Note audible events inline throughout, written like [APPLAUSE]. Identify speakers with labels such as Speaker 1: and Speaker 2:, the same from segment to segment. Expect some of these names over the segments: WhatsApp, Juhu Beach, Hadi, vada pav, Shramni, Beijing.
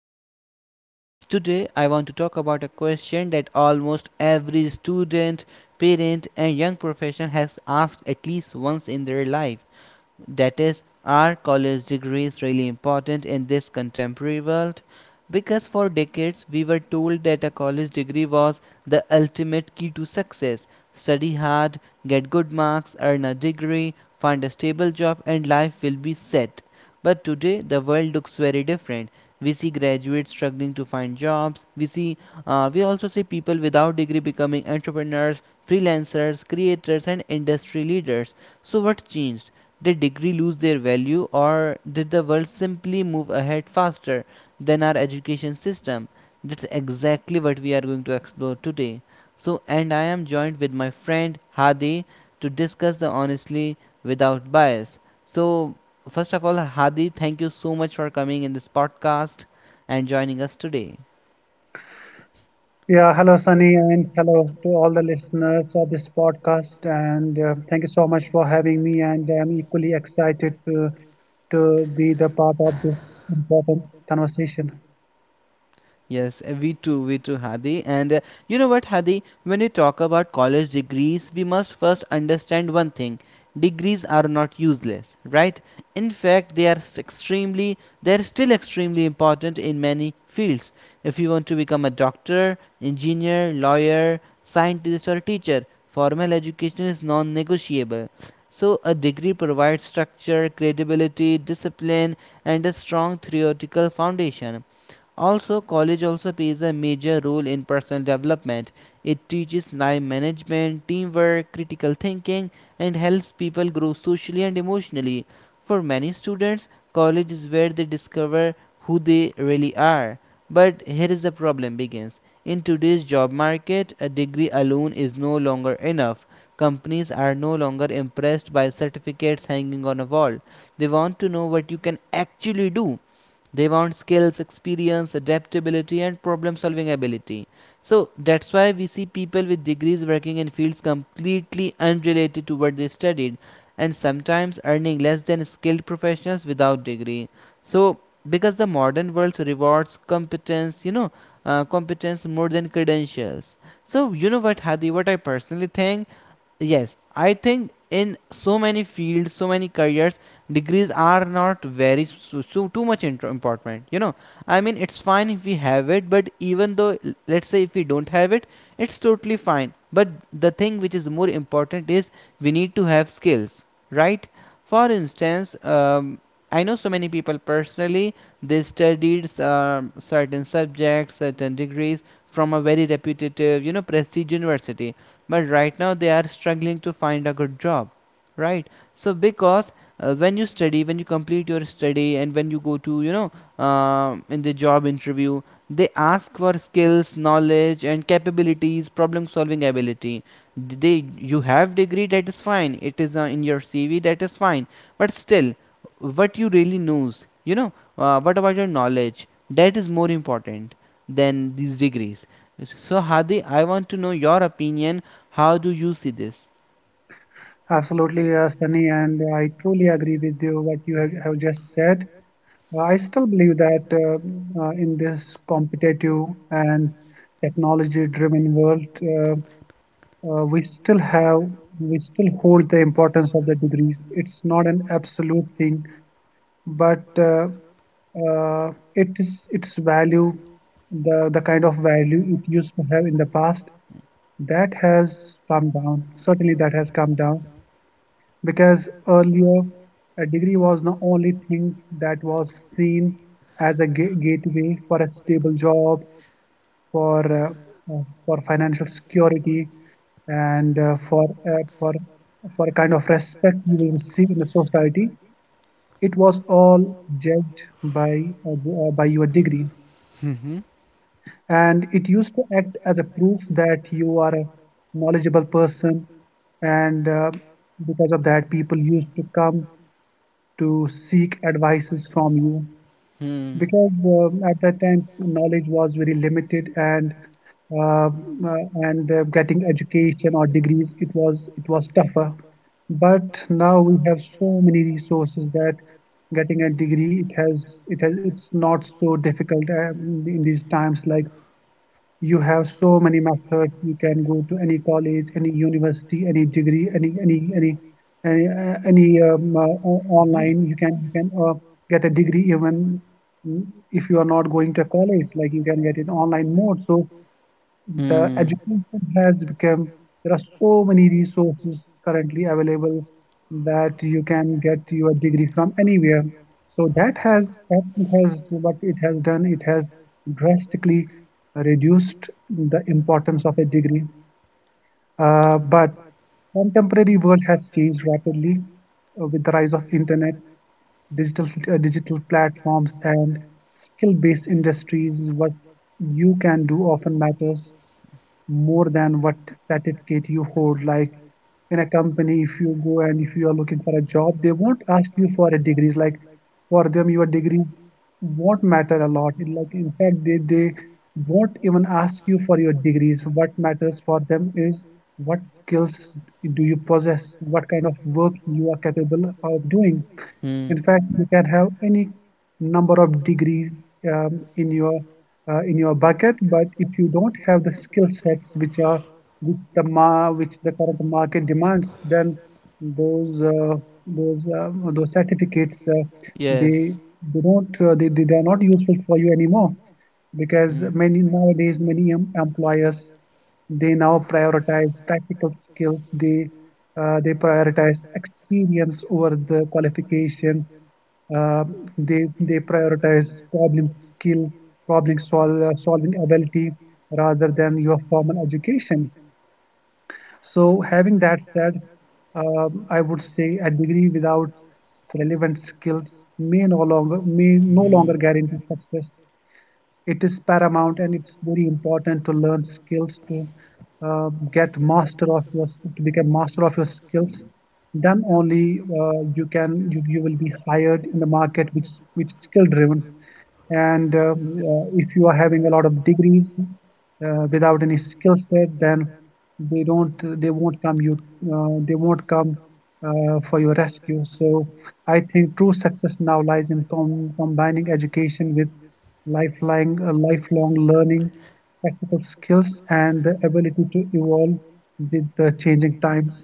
Speaker 1: new podcast. Today, I want to talk about a question that almost every student, parent, and young professional has asked at least once in their life that is, are college degrees really important in this contemporary world? Because for decades we were told that a college degree was the ultimate key to success. Study hard, get good marks, earn a degree, find a stable job, and life will be set. But today the world looks very different. We see graduates struggling to find jobs. We also see people without degree becoming entrepreneurs, freelancers, creators, and industry leaders. So what changed? Did degree lose their value or did the world simply move ahead faster than our education system? That's exactly what we are going to explore today. So, and I am joined with my friend Hadi to discuss the honestly without bias. So, first of all, Hadi, thank you so much for coming in this podcast and joining us today.
Speaker 2: Yeah, hello Sunny, and hello to all the listeners of this podcast. And thank you so much for having me. And I'm equally excited to be the part of this important conversation.
Speaker 1: Yes, we too, Hadi. And you know what, Hadi? When we talk about college degrees, we must first understand one thing. Degrees are not useless, right? In fact, they are still extremely important in many fields. If you want to become a doctor, engineer, lawyer, scientist, or teacher, formal education is non negotiable. So, a degree provides structure, credibility, discipline, and a strong theoretical foundation. Also, college also plays a major role in personal development. It teaches time management, teamwork, critical thinking, and helps people grow socially and emotionally. For many students, college is where they discover who they really are. But here is the problem begins. In today's job market, a degree alone is no longer enough. Companies are no longer impressed by certificates hanging on a wall. They want to know what you can actually do. They want skills, experience, adaptability, and problem solving ability. So that's why we see people with degrees working in fields completely unrelated to what they studied and sometimes earning less than skilled professionals without degree. So, because the modern world rewards competence you know competence more than credentials. So you know what, Hadi, what I personally think? Yes, I think in so many fields, so many careers, degrees are not very so too much important, you know. I mean, it's fine if we have it, but even though, let's say if we don't have it, it's totally fine. But the thing which is more important is we need to have skills, right? For instance, I know so many people personally. They studied certain subjects, certain degrees from a very reputative, you know, prestige university, but right now they are struggling to find a good job, right? So, because when you study, when you complete your study, and when you go to, you know, in the job interview, they ask for skills, knowledge, and capabilities, problem solving ability. D- they You have degree, that is fine. It is, in your cv, that is fine. But still, what you really knows, you know, what about your knowledge? That is more important than these degrees. So Hadi, I want to know your opinion. How do you see this?
Speaker 2: Absolutely, Sunny, and I truly agree with you what you have just said. I still believe that in this competitive and technology-driven world, we still have we still hold the importance of the degrees. It's not an absolute thing but uh, it is its value, the kind of value it used to have in the past, that has come down. Certainly, that has come down because earlier a degree was the only thing that was seen as a gateway for a stable job, for uh, for financial security, and for for for a kind of respect you will receive in the society. It was all judged by your degree,
Speaker 1: Mm-hmm.
Speaker 2: and it used to act as a proof that you are a knowledgeable person. And because of that, people used to come to seek advices from you
Speaker 1: Mm. Mm-hmm.
Speaker 2: because at that time knowledge was very limited and uh, uh, getting education or degrees it was tougher. But now we have so many resources that getting a degree it has it's not so difficult in these times. Like you have so many methods. You can go to any college, any university, any degree, any online. You can get a degree even mm, if you are not going to college. Like you can get it online mode. So the education has become, there are so many resources currently available that you can get your degree from anywhere. So that has, what it has done, it has drastically reduced the importance of a degree. But contemporary world has changed rapidly with the rise of internet, digital digital platforms, and skill-based industries. What you can do often matters more than what certificate you hold. Like in a company, if you go and if you are looking for a job, they won't ask you for a degrees. Like for them, your degrees won't matter a lot. In Like in fact, they won't even ask you for your degrees. What matters for them is what skills do you
Speaker 1: Mm.
Speaker 2: possess, what kind of work you are capable of doing.
Speaker 1: Hmm.
Speaker 2: In fact, you can have any number of degrees um, in your in your bucket, but if you don't have the skill sets which are which the ma which the current market demands, then those those certificates, they
Speaker 1: Yes.
Speaker 2: they don't they are not useful for you anymore because many nowadays many employers they now prioritize practical skills, they prioritize experience over the qualification, uh, they prioritize skill, solving ability rather than your formal education. So having that said, I would say a degree without relevant skills may no longer guarantee success. It is paramount and it's very important to learn skills, to get master of your to become master of your skills. Then only you will be hired in the market which skill driven. And if you are having a lot of degrees without any skill set, then they don't, they won't come you, they won't come for your rescue. So I think true success now lies in combining education with lifelong learning, practical skills, and the ability to evolve with the changing times.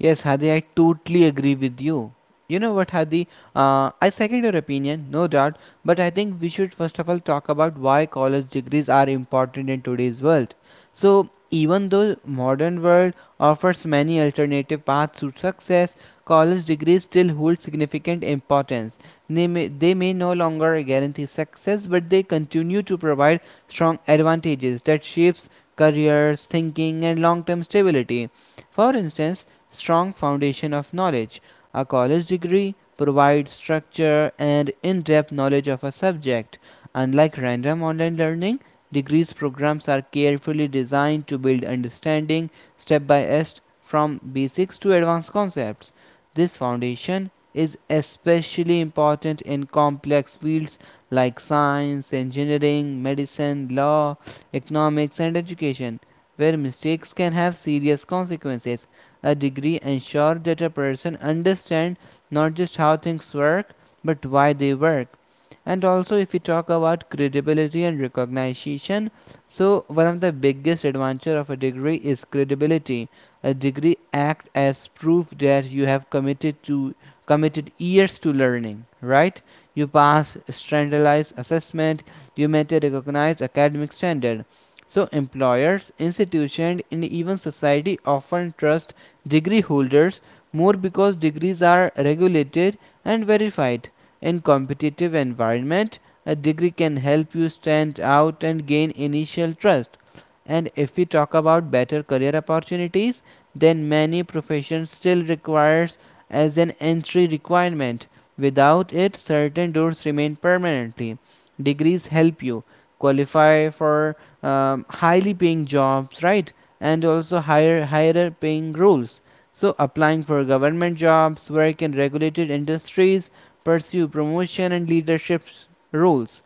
Speaker 1: Yes, Hadi, I totally agree with you. You know what, Hadi? I second your opinion, no doubt, but I think we should first of all talk about why college degrees are important in today's world. So, even though modern world offers many alternative paths to success, college degrees still hold significant importance. They may no longer guarantee success, but they continue to provide strong advantages that shapes careers, thinking, and long-term stability. For instance, strong foundation of knowledge. A college degree provides structure and in depth knowledge of a subject. Unlike random online learning, degrees programs are carefully designed to build understanding step by step from basics to advanced concepts. This foundation is especially important in complex fields like science, engineering, medicine, law, economics, and education, where mistakes can have serious consequences. A degree ensure that a person understands not just how things work but why they work. And also, if we talk about credibility and recognition, so one of the biggest advantage of a degree is credibility. A degree acts as proof that you have committed years to learning, right? You pass standardized assessment, you met a recognized academic standard. So employers, institutions, and even society often trust degree holders more because degrees are regulated and verified. In competitive environment, a degree can help you stand out and gain initial trust. And if we talk about better career opportunities, then many professions still requires as an entry requirement. Without it, certain doors remain permanently. Degrees help you qualify for highly paying jobs, right? And also higher paying roles, so applying for government jobs, work in regulated industries, pursue promotion and leadership roles.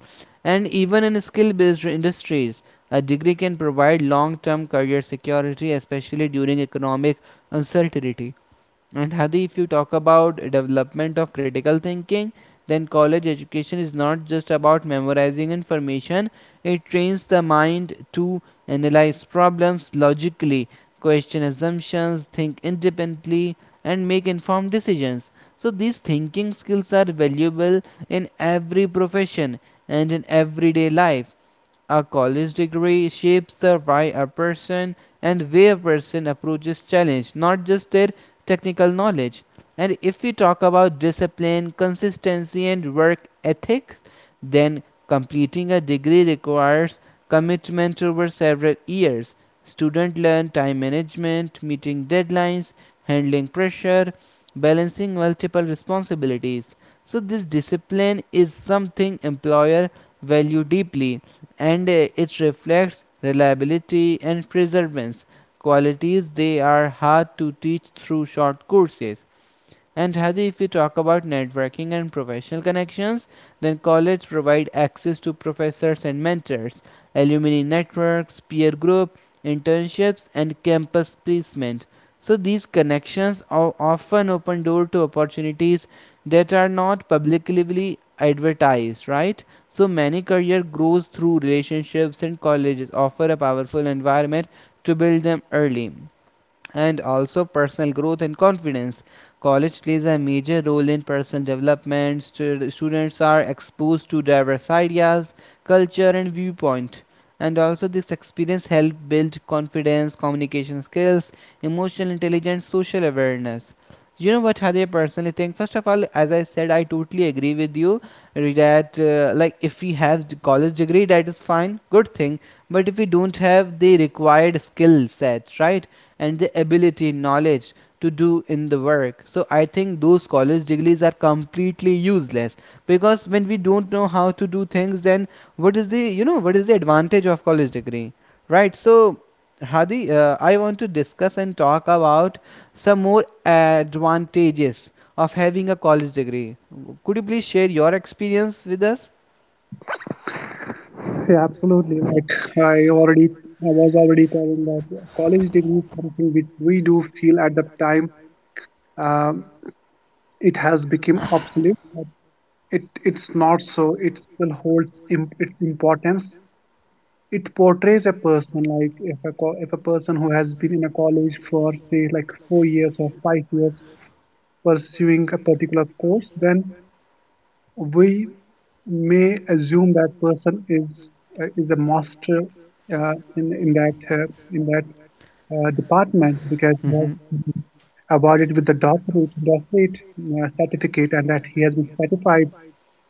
Speaker 1: And even in skill based industries, a degree can provide long term career security, especially during economic uncertainty. And Hadi, if you talk about development of critical thinking, then college education is not just about memorizing information. It trains the mind to analyze problems logically, question assumptions, think independently, and make informed decisions. So these thinking skills are valuable in every profession and in everyday life. A college degree shapes the why a person and way a person approaches challenge, not just their technical knowledge. And if we talk about discipline, consistency, and work ethics, then completing a degree requires commitment over several years. Students learn time management, meeting deadlines, handling pressure, balancing multiple responsibilities. So this discipline is something employer value deeply, and it reflects reliability and perseverance, qualities they are hard to teach through short courses. And Hadi, if we talk about networking and professional connections, then college provide access to professors and mentors, alumni networks, peer group, internships, and campus placement. So these connections are often open door to opportunities that are not publicly advertised, right? So many career grows through relationships and colleges offer a powerful environment to build them early. And also personal growth and confidence. College plays a major role in personal development. Students are exposed to diverse ideas, culture, and viewpoint. And also, this experience help build confidence, communication skills, emotional intelligence, social awareness. You know what, Hadi, I personally think? First of all, as I said, I totally agree with you that, like, if we have the college degree, that is fine, good thing. But if we don't have the required skill sets, right, and the ability, knowledge to do in the work, so I think those college degrees are completely useless, because when we don't know how to do things, then what is the, you know, what is the advantage of college degree, right? So Hadi, I want to discuss and talk about some more advantages of having a college degree. Could you please share your experience with us?
Speaker 2: Yeah, absolutely. Like I already, I was already telling that college degree is something which we do feel at the time um, it has become obsolete. But It it's not so. It still holds imp its importance. It portrays a person. Like if a co if a person who has been in a college for say like 4 years or 5 years pursuing a particular course, then we
Speaker 1: We
Speaker 2: may
Speaker 1: may
Speaker 2: assume that
Speaker 1: assume that
Speaker 2: person
Speaker 1: person is.
Speaker 2: is a
Speaker 1: Is a
Speaker 2: master
Speaker 1: master
Speaker 2: in
Speaker 1: in,
Speaker 2: that
Speaker 1: in that
Speaker 2: in that
Speaker 1: in that
Speaker 2: department
Speaker 1: department,
Speaker 2: because he
Speaker 1: in that.
Speaker 2: has been awarded with the doctorate certificate and that he has been certified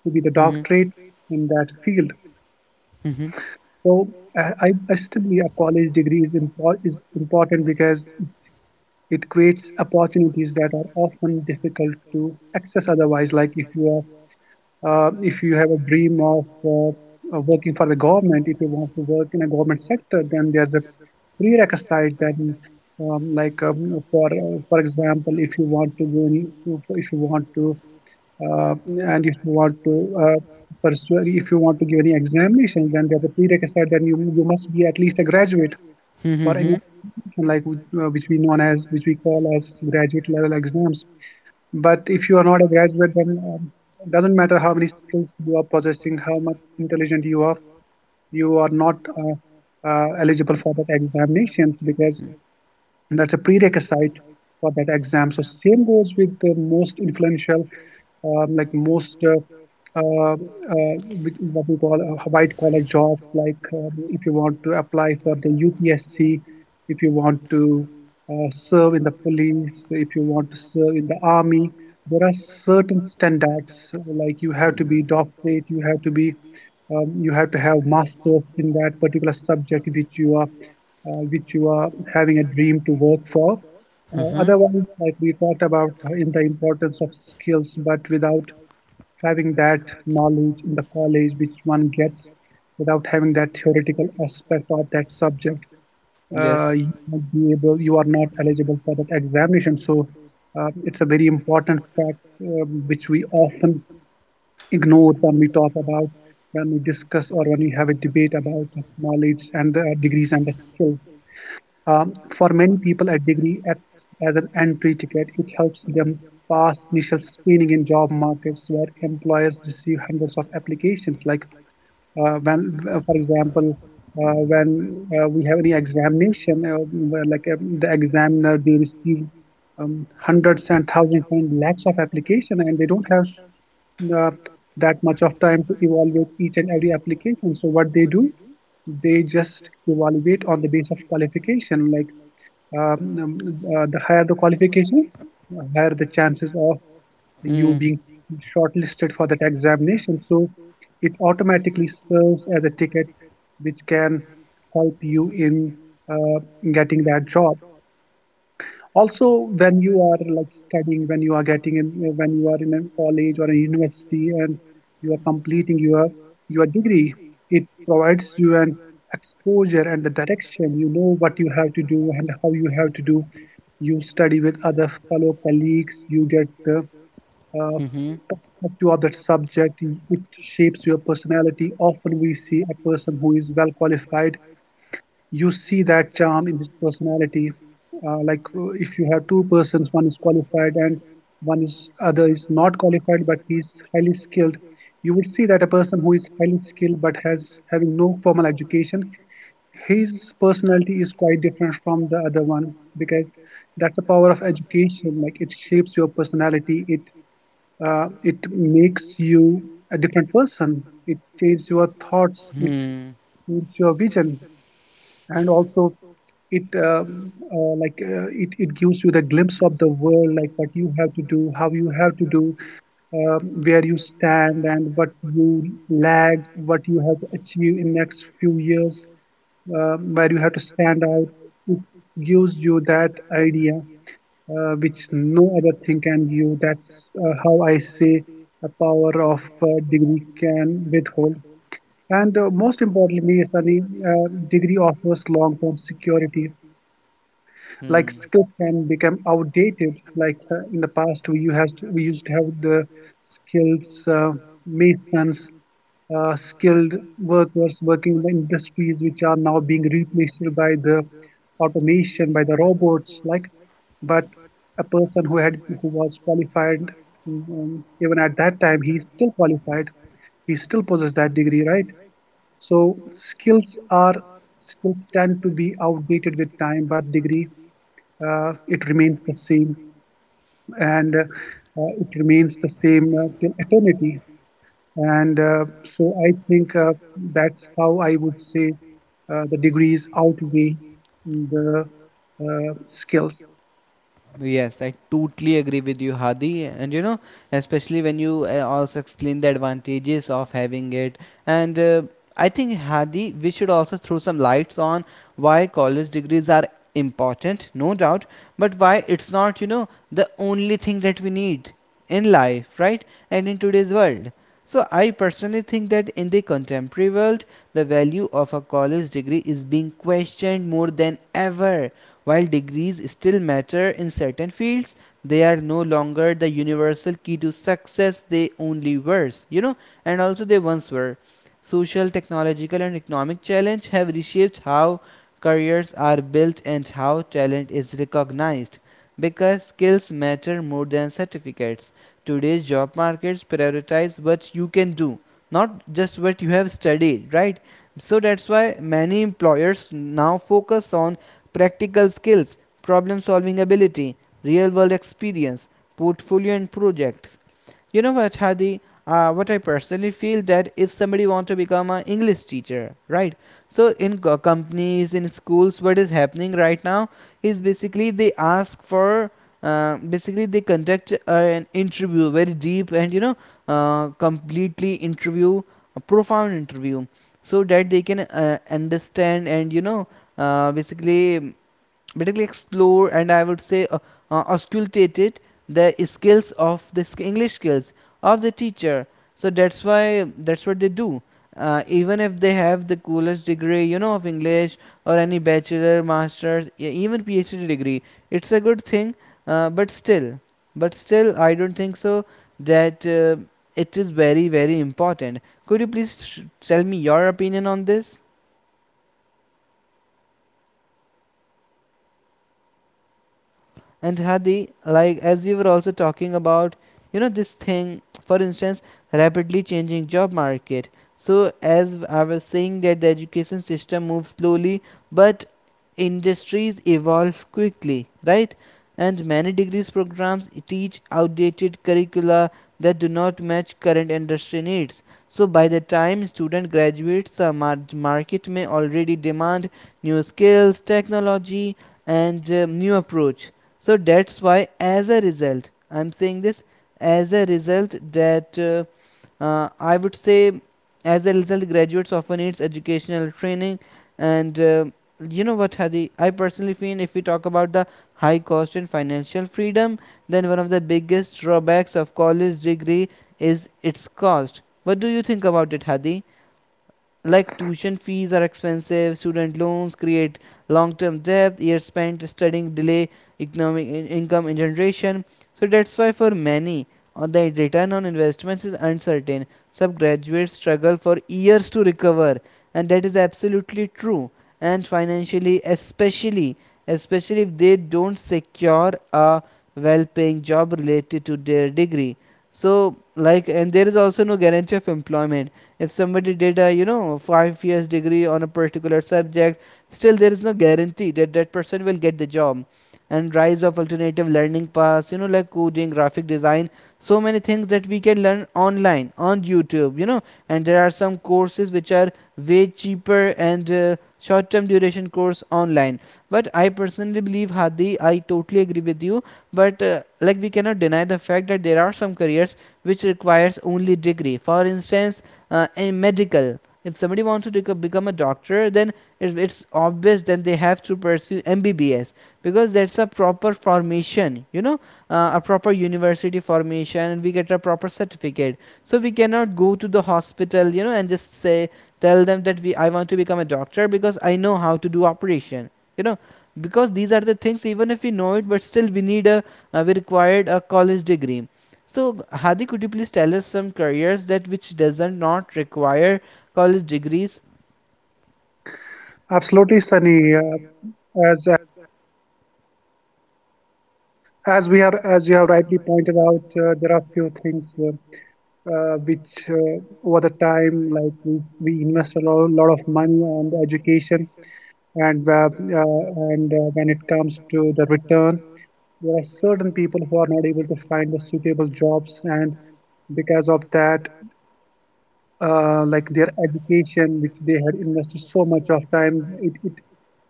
Speaker 2: to be the
Speaker 1: Mm-hmm. Job,
Speaker 2: doctorate
Speaker 1: is
Speaker 2: in
Speaker 1: a.
Speaker 2: that
Speaker 1: Mm-hmm. Doctorate
Speaker 2: field.
Speaker 1: in that field.
Speaker 2: So I still believe a college degree is, is important because it creates opportunities that are often difficult to access otherwise. Like if you are, if you have a dream uh, of working for the government, if you want to work in a government sector, then there's a prerequisite that for example, if you want to go in, if you want to Uh, and if you want to uh, pursue, if you want to give any examination, then there's a prerequisite that you must be at least a graduate
Speaker 1: Mm-hmm.
Speaker 2: for any
Speaker 1: Mm-hmm.
Speaker 2: examination, like which we call as graduate level exams. But if you are not a graduate, then it doesn't matter how many skills you are possessing, how much intelligent you are not eligible for that examinations because that's a prerequisite for that exam. So same goes with the most influential um, like most uh, uh, uh, what we call white collar jobs, like if you want to apply for the UPSC, if you want to serve in the police, if you want to serve in the army, there are certain standards, like you have to be doctorate, you have to be you have to have masters in that particular subject which you are having a dream to work for.
Speaker 1: Hmm.
Speaker 2: Otherwise, like we talked about in the importance of skills but without having that knowledge in the college which one gets without having that theoretical aspect of that subject,
Speaker 1: Yes.
Speaker 2: you won't be able, you are not eligible for that examination. So it's a very important fact which we often ignore when we talk about, when we discuss, or when we have a debate about knowledge and the degrees and the skills. For many people, a degree acts as an entry ticket. It helps them pass initial screening in job markets where employers receive hundreds of applications. Like for example, when we have any examination, where like the examiner, they receive hundreds and thousands and lakhs of application and they don't have uh, that much of time to evaluate each and every application. So what they do, they just evaluate on the base of qualification. Like um, um, the higher the qualification, higher the chances of
Speaker 1: Hmm.
Speaker 2: you
Speaker 1: Mm-hmm.
Speaker 2: being shortlisted for that examination. So it automatically serves as a ticket which can help you in uh, getting that job. Also, when you are like studying, when you are getting in when you are in a college or a university and you are completing your degree, it provides you an exposure and the direction. You know what you have to do and how you have to do. You study with other fellow colleagues, you get the uh, perspective of that subject. It shapes your personality. Often we see a person who is well qualified, you see that charm in his personality. Like if you have two persons, one is qualified and one is other is not qualified, but he's highly skilled. You would see that a person who is highly skilled but has having no formal education, his personality is quite different from the other one because that's the power of education. Like it shapes your personality. It it makes you a different person. It changes your thoughts. It
Speaker 1: Hmm.
Speaker 2: changes your vision and also it gives you the glimpse of the world, like what you have to do, how you have to do, where you stand and what you lag, what you have to achieve in next few years, where you have to stand out. It gives you that idea which no other thing can give. That's how I say a power of degree can withhold. And most importantly, Sunny, degree offers long term security. Like
Speaker 1: Hmm.
Speaker 2: skills can become outdated. Like in the past, we used to have the skills, uh, masons, skilled workers working in the industries which are now being replaced by the automation, by the robots. Like, but a person who was qualified, even at that time, he's still qualified. He still possesses that degree, right? So skills are skills tend to be outdated with time, but degree, it remains the same. And it remains the same till eternity. And so I think, that's how I would say the degrees outweigh the skills.
Speaker 1: Yes, I totally agree with you, Hadi. And you know, especially when you also explain the advantages of having it. And I think, Hadi, we should also throw some lights on why college degrees are important, no doubt, but why it's not, you know, the only thing that we need in life, right? And in today's world. So I personally think that in the contemporary world, the value of a college degree is being questioned more than ever. While degrees still matter in certain fields, they are no longer the universal key to success. They only were, you know, and also they once were. Social, technological, and economic challenge have reshaped how careers are built and how talent is recognized, because skills matter more than certificates. Today's job markets prioritize what you can do, not just what you have studied, right? So that's why many employers now focus on practical skills, problem solving ability, real world experience, portfolio and projects. You know what, Hadi, what I personally feel that if somebody wants to become an english teacher, right? So in companies, in schools, what is happening right now is basically they ask for, basically they conduct an interview, very deep, and you know, completely interview a profound interview, so that they can, understand and you know, basically, explore, and I would say, auscultated the skills of the English skills of the teacher. So that's why that's what they do. Even if they have the coolest degree, you know, of English or any bachelor, master's, even PhD degree, it's a good thing. Uh, but still, but still, I don't think so that it is very, very important. Could you please tell me your opinion on this? And Hadi, like as we were also talking about, this thing, for instance, rapidly changing job market. So as I was saying that the education system moves slowly, but industries evolve quickly, right? And many degrees programs teach outdated curricula that do not match current industry needs. So by the time student graduates, the market may already demand new skills, technology, and new approach. So that's why, as a result, I'm saying this, as a result that I would say, as a result graduates often needs educational training. And uh, you know what Hadi, I personally feel if we talk about the high cost and financial freedom, then one of the biggest drawbacks of college degree is its cost. What do you think about it, Hadi? Like tuition fees are expensive, student loans create long-term debt, years spent studying delay economic income in generation. So that's why for many, the return on investments is uncertain. Some graduates struggle for years to recover, and that is absolutely true. And financially, especially, especially if they don't secure a well-paying job related to their degree. So like, and there is also no guarantee of employment. If somebody did a, you know, 5 years degree on a particular subject, still there is no guarantee that that person will get the job. And rise of alternative learning paths, you know, like coding, graphic design, so many things that we can learn online on YouTube, you know. And there are some courses which are way cheaper and short term duration course online. But I personally believe, Hadi, I totally agree with you, but like we cannot deny the fact that there are some careers which requires only degree. For instance, in medical, if somebody wants to become a doctor, then it's obvious that they have to pursue MBBS, because that's a proper formation, you know. A proper university formation, and we get a proper certificate. So we cannot go to the hospital, you know, and just say, tell them that we, I want to become a doctor because I know how to do operation, you know. Because these are the things, even if we know it but still we need a, we required a college degree. So Hadi, could you please tell us some careers that which doesn't not require college degrees?
Speaker 2: Absolutely, Sunny. Uh, as as we are as you have rightly pointed out, there are few things which over the time, like we invest a lot of money on the education. And uh, uh, and uh, when it comes to the return, there are certain people who are not able to find the suitable jobs, and because of that, like their education, which they had invested so much of time, it,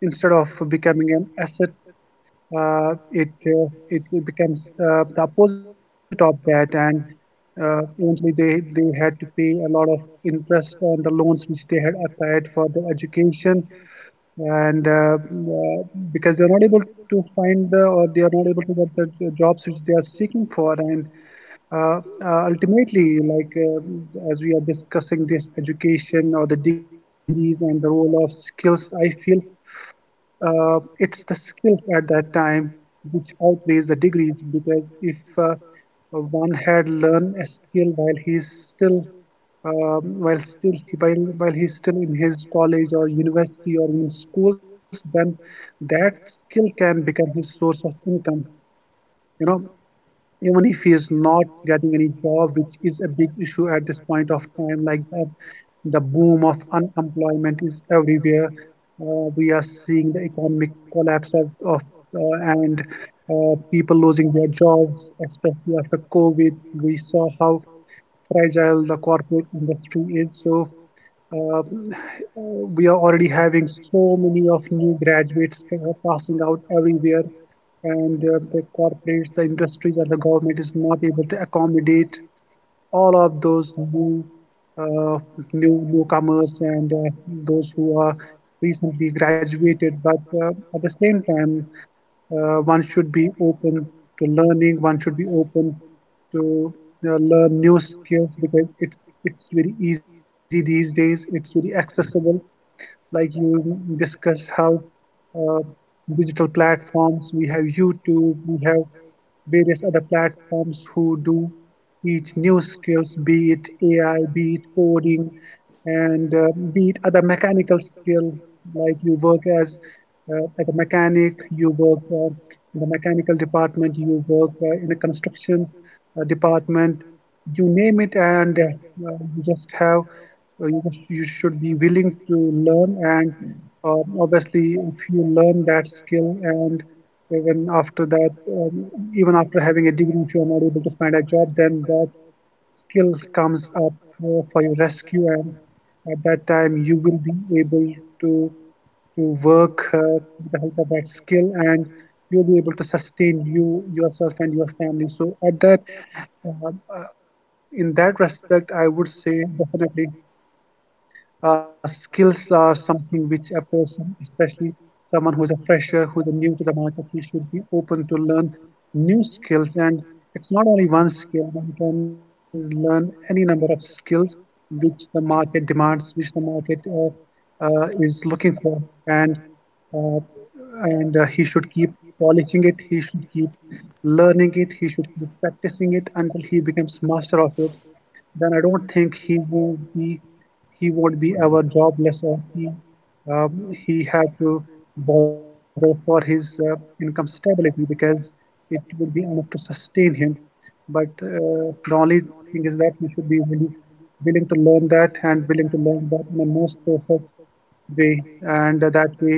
Speaker 2: instead of becoming an asset, it becomes the opposite of that. And eventually, they had to pay a lot of interest on the loans which they had applied for the education. And Because they're not able to find the, or they are not able to get the jobs which they are seeking for. And ultimately, like as we are discussing this education or the degrees and the role of skills, I feel it's the skills at that time which outweighs the degrees. Because if one had learned a skill while he's still while still while he's still in his college or university or in schools, then that skill can become his source of income. You know, even if he is not getting any job, which is a big issue at this point of time, like that, the boom of unemployment is everywhere. We are seeing the economic collapse of and people losing their jobs, especially after COVID. We saw how fragile the corporate industry is. Um, [SIGHS] we are already having so many of new graduates passing out everywhere, and the corporates, the industries, and the government is not able to accommodate all of those uh, new newcomers and those who are recently graduated. But at the same time, one should be open to learning. One should be open to learn new skills, because it's very easy these days. It's very accessible, like you discuss how uh, digital platforms, we have YouTube, we have various other platforms who do teach new skills, be it AI, be it coding, and be it other mechanical skill. Like you work as a mechanic, you work in the mechanical department, you work in the construction department, you name it. And you just have you should be willing to learn. And obviously, if you learn that skill, and even after that, even after having a degree, if you are not able to find a job, then that skill comes up for your rescue. And at that time, you will be able to work with the help of that skill, and you'll be able to sustain yourself and your family. So at that uh, in that respect, I would say definitely skills are something which a person, especially someone who's a fresher, who's new to the market, he should be open to learn new skills. And it's not only one skill, one can learn any number of skills which the market demands, which the market is looking for. And uh, and uh, he should keep polishing it, he should keep learning it, he should keep practicing it until he becomes master of it. Then I don't think he won't be ever jobless, or um, he had to bother for his income stability, because it would be enough to sustain him. But the only thing is that he should be really willing to learn that, and willing to learn that in a most perfect way. And that way,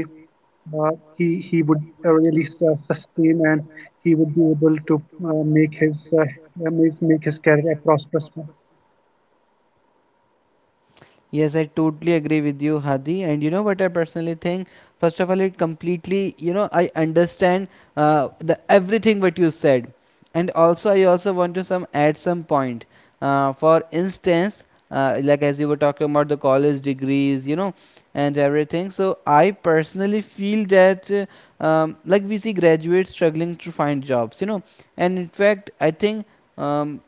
Speaker 2: uh, he would really sustain, and he would be able to uh, make his uh, make his career a prosperous one.
Speaker 1: Yes, I totally agree with you, Hadi. And you know what I personally think? First of all, it completely, you know, I understand the everything what you said, and also I also want to some add some point. For instance, like as you were talking about the college degrees, you know, and everything. So I personally feel that like we see graduates struggling to find jobs, you know, and in fact, I think um,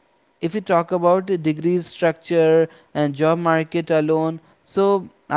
Speaker 1: if we talk about the degree structure and job market alone, so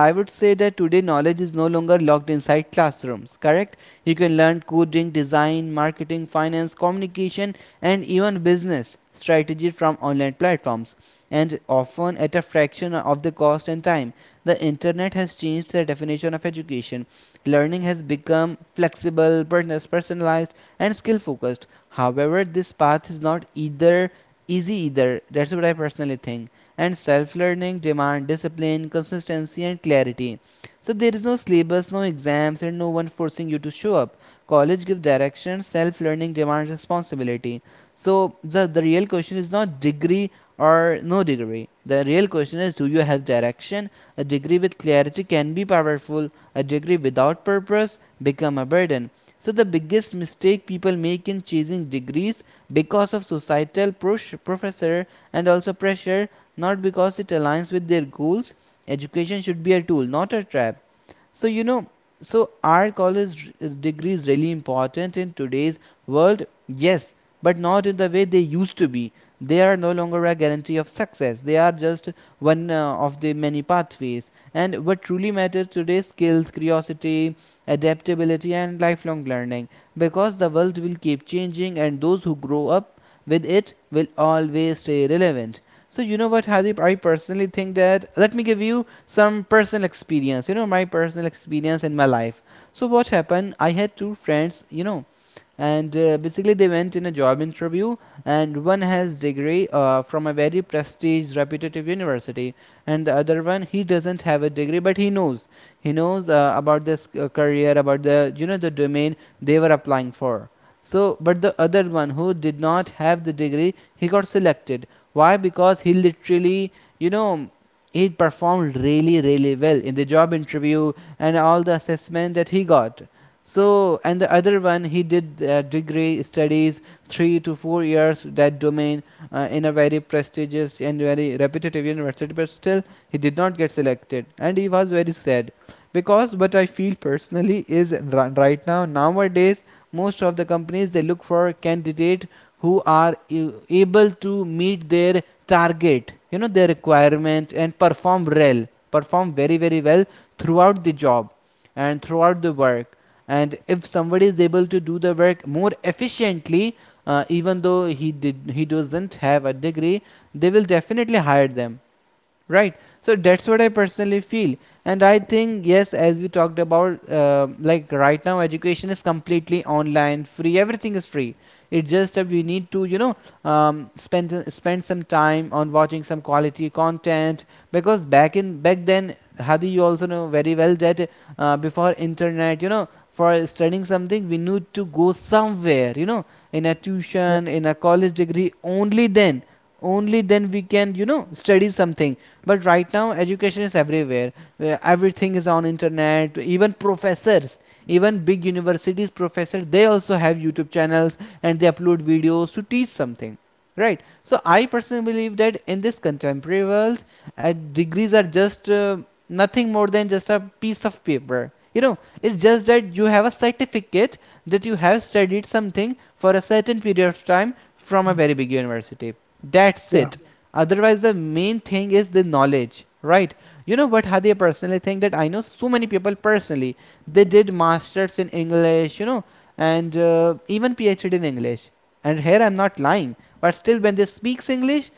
Speaker 1: I would say that today knowledge is no longer locked inside classrooms, correct? You can learn coding, design, marketing, finance, communication, and even business strategy from online platforms, and often at a fraction of the cost and time. The internet has changed the definition of education. Learning has become flexible, personalized, and skill focused. However, this path is not either easy either. That's what I personally think. And self learning demand discipline, consistency, and clarity. So there is no syllabus, no exams, and no one forcing you to show up. College gives direction, self learning demands responsibility. So the real question is not degree or no degree, the real question is, do you have direction? A degree with clarity can be powerful, a degree without purpose become a burden. So the biggest mistake people make in chasing degrees because of societal push, professor, and also pressure, not because it aligns with their goals. Education should be a tool, not a trap. So you know, so are college degrees really important in today's world? Yes, but not in the way they used to be. They are no longer a guarantee of success, they are just one of the many pathways. And what truly matters today, skills, curiosity, adaptability, and lifelong learning, because the world will keep changing and those who grow up with it will always stay relevant. So you know what, Hadip? I personally think that, let me give you some personal experience. You know my personal experience in my life. So what happened? I had two friends. You know, and basically they went in a job interview, and one has degree from a very prestigious, reputative university, and the other one he doesn't have a degree, but he knows. He knows about this career, about the, you know, the domain they were applying for. So, but the other one who did not have the degree, he got selected. Why? Because he literally, you know, he performed really, really well in the job interview and all the assessment that he got. So, and the other one, he did degree studies 3 to 4 years that domain in a very prestigious and very repetitive university, but still he did not get selected, and he was very sad. Because what I feel personally is right now nowadays most of the companies they look for candidate who are able to meet their target, you know, their requirement, and perform well, perform very, very well throughout the job and throughout the work. And if somebody is able to do the work more efficiently, even though he doesn't have a degree, they will definitely hire them. Right. So that's what I personally feel. And I think, yes, as we talked about, like right now, education is completely online, free. Everything is free. It's just that we need to, you know, spend some time on watching some quality content. Because back then, Hadi, you also know very well that before internet, you know, for studying something, we need to go somewhere, you know, in a
Speaker 2: Yeah,
Speaker 1: tuition, in a college degree. Only then, only then we can, you know, study something. But right now education is everywhere, where everything is on internet. Even professors, even big universities professors, they also have YouTube channels, and they upload videos to teach something, right? So I personally believe that in this contemporary world, degrees are just nothing more than just a piece of paper, you know. It's just that you have a certificate that you have studied something for a certain period of time from a very big university. That's
Speaker 2: yeah,
Speaker 1: it. Otherwise the main thing is the knowledge, right? You know what, Hadi, I personally think that I know so many people personally, they did masters in English, you know, and even PhD in English, and here I'm not lying, but still when they speaks English,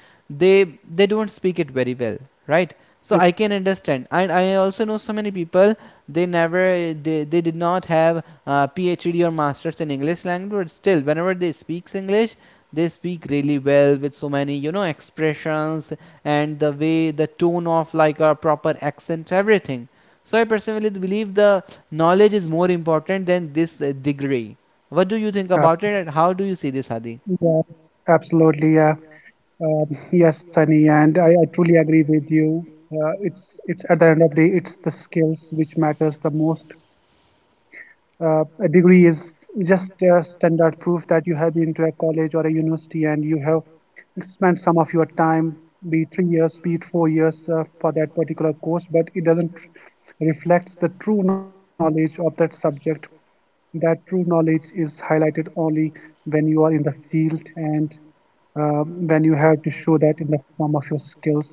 Speaker 1: they don't speak it very well, right? So
Speaker 2: it-
Speaker 1: I can understand, and I also know so many people, they never, they did not have PhD or masters in English language, but still whenever they speaks English, they speak really well with so many, you know, expressions, and the way the tone of, like, a proper accent, everything. So I personally believe the knowledge is more important than this degree. What do you think
Speaker 2: ab-
Speaker 1: about it, and how do you see this, Hadi?
Speaker 2: yeah, Absolutely. Yeah, yes, Sunny, and I truly agree with you. It's at the end of the day, it's the skills which matters the most. A degree is just standard proof that you have been to a college or a university and you have spend some of your time, be it 3 years, be it 4 years for that particular course, but it doesn't reflects the true knowledge of that subject. That true knowledge is highlighted only when you are in the field, and when you have to show that in the form of your skills.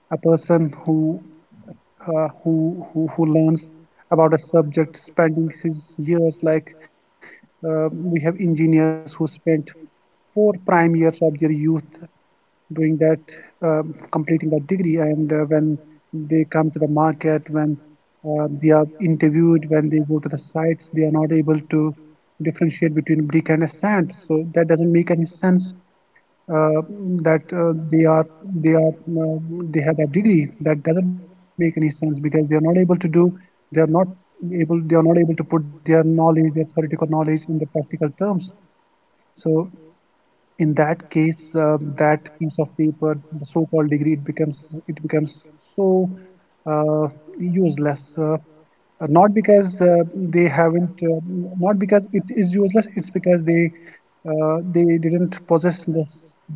Speaker 2: A person who who learns about a subject, spending his years, like we have engineers who spent 4 prime years of their youth doing that, completing that degree. And when they come to the market, when they are interviewed, when they go to the sites, they are not able to differentiate between brick and a sand. So that doesn't make any sense. Uh, that they are they are They have that degree. That doesn't make any sense, because they are not able to do. They are not They are not able to put their knowledge, their theoretical knowledge, in the practical terms. So in that case, that piece of paper, the so-called degree, it becomes so uh, useless. Not because uh, they haven't uh, Not because it is useless, it's because they didn't possess this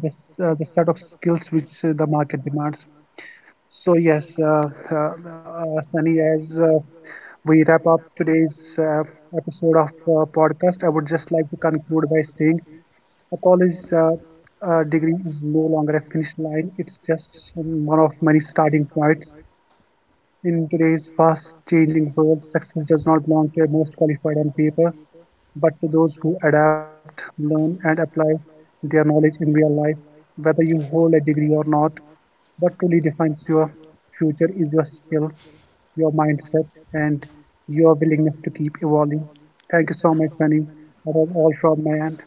Speaker 2: this the set of skills which the market demands. So yes, uh, Sunny, as we wrap up today's episode of podcast, I would just like to conclude by saying a college degree is no longer a finish line, it's just one of many starting points. In today's fast changing world, success does not belong to the most qualified on paper, but to those who adapt, learn, and apply their knowledge in real life, whether you hold a degree or not. What truly defines your future is your skill, your mindset, and your willingness to keep evolving. Thank you so much, Sunny. That was all from my end.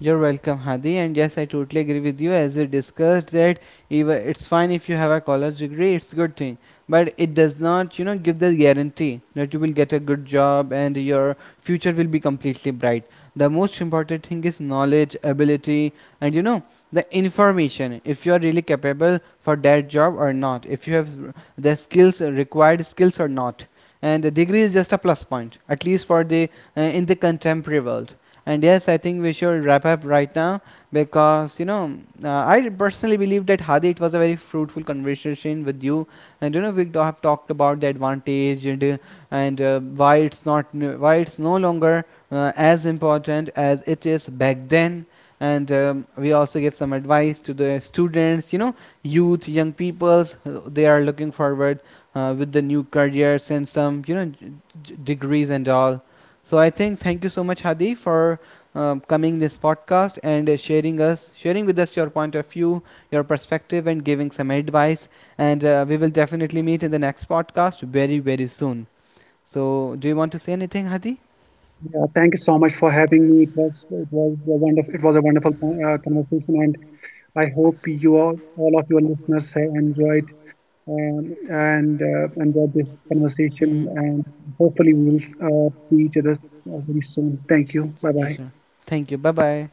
Speaker 1: You're welcome, Hadi. And yes, I totally agree with you. As we discussed that even it's fine if you have a college degree, it's good thing. But it does not, you know, give the guarantee that you will get a good job and your future will be completely bright. The most important thing is knowledge, ability, and you know, the information, if you are really capable for that job or not, if you have the skills, required skills or not. And the degree is just a plus point, at least for the, in the contemporary world. And yes, I think we should wrap up right now, because you know, I personally believe that, Hadi, it was a very fruitful conversation with you, and you know we have talked about the advantage, and why it's not, why it's no longer as important as it is back then. And we also give some advice to the students, you know, youth, young peoples. They are looking forward with the new careers and some, you know, degrees and all. So I think thank you so much, Hadi, for coming this podcast and sharing with us your point of view, your perspective, and giving some advice. And we will definitely meet in the next podcast very, very soon. So, do you want to say anything, Hadi?
Speaker 2: Yeah, thank you so much for having me. It was a wonderful, conversation, and I hope you all of your listeners have enjoyed, and enjoyed this conversation.
Speaker 1: Hmm.
Speaker 2: And hopefully, we'll see each other very soon. Thank you. Bye
Speaker 1: Yes,
Speaker 2: bye.
Speaker 1: sir. Thank you. Bye bye.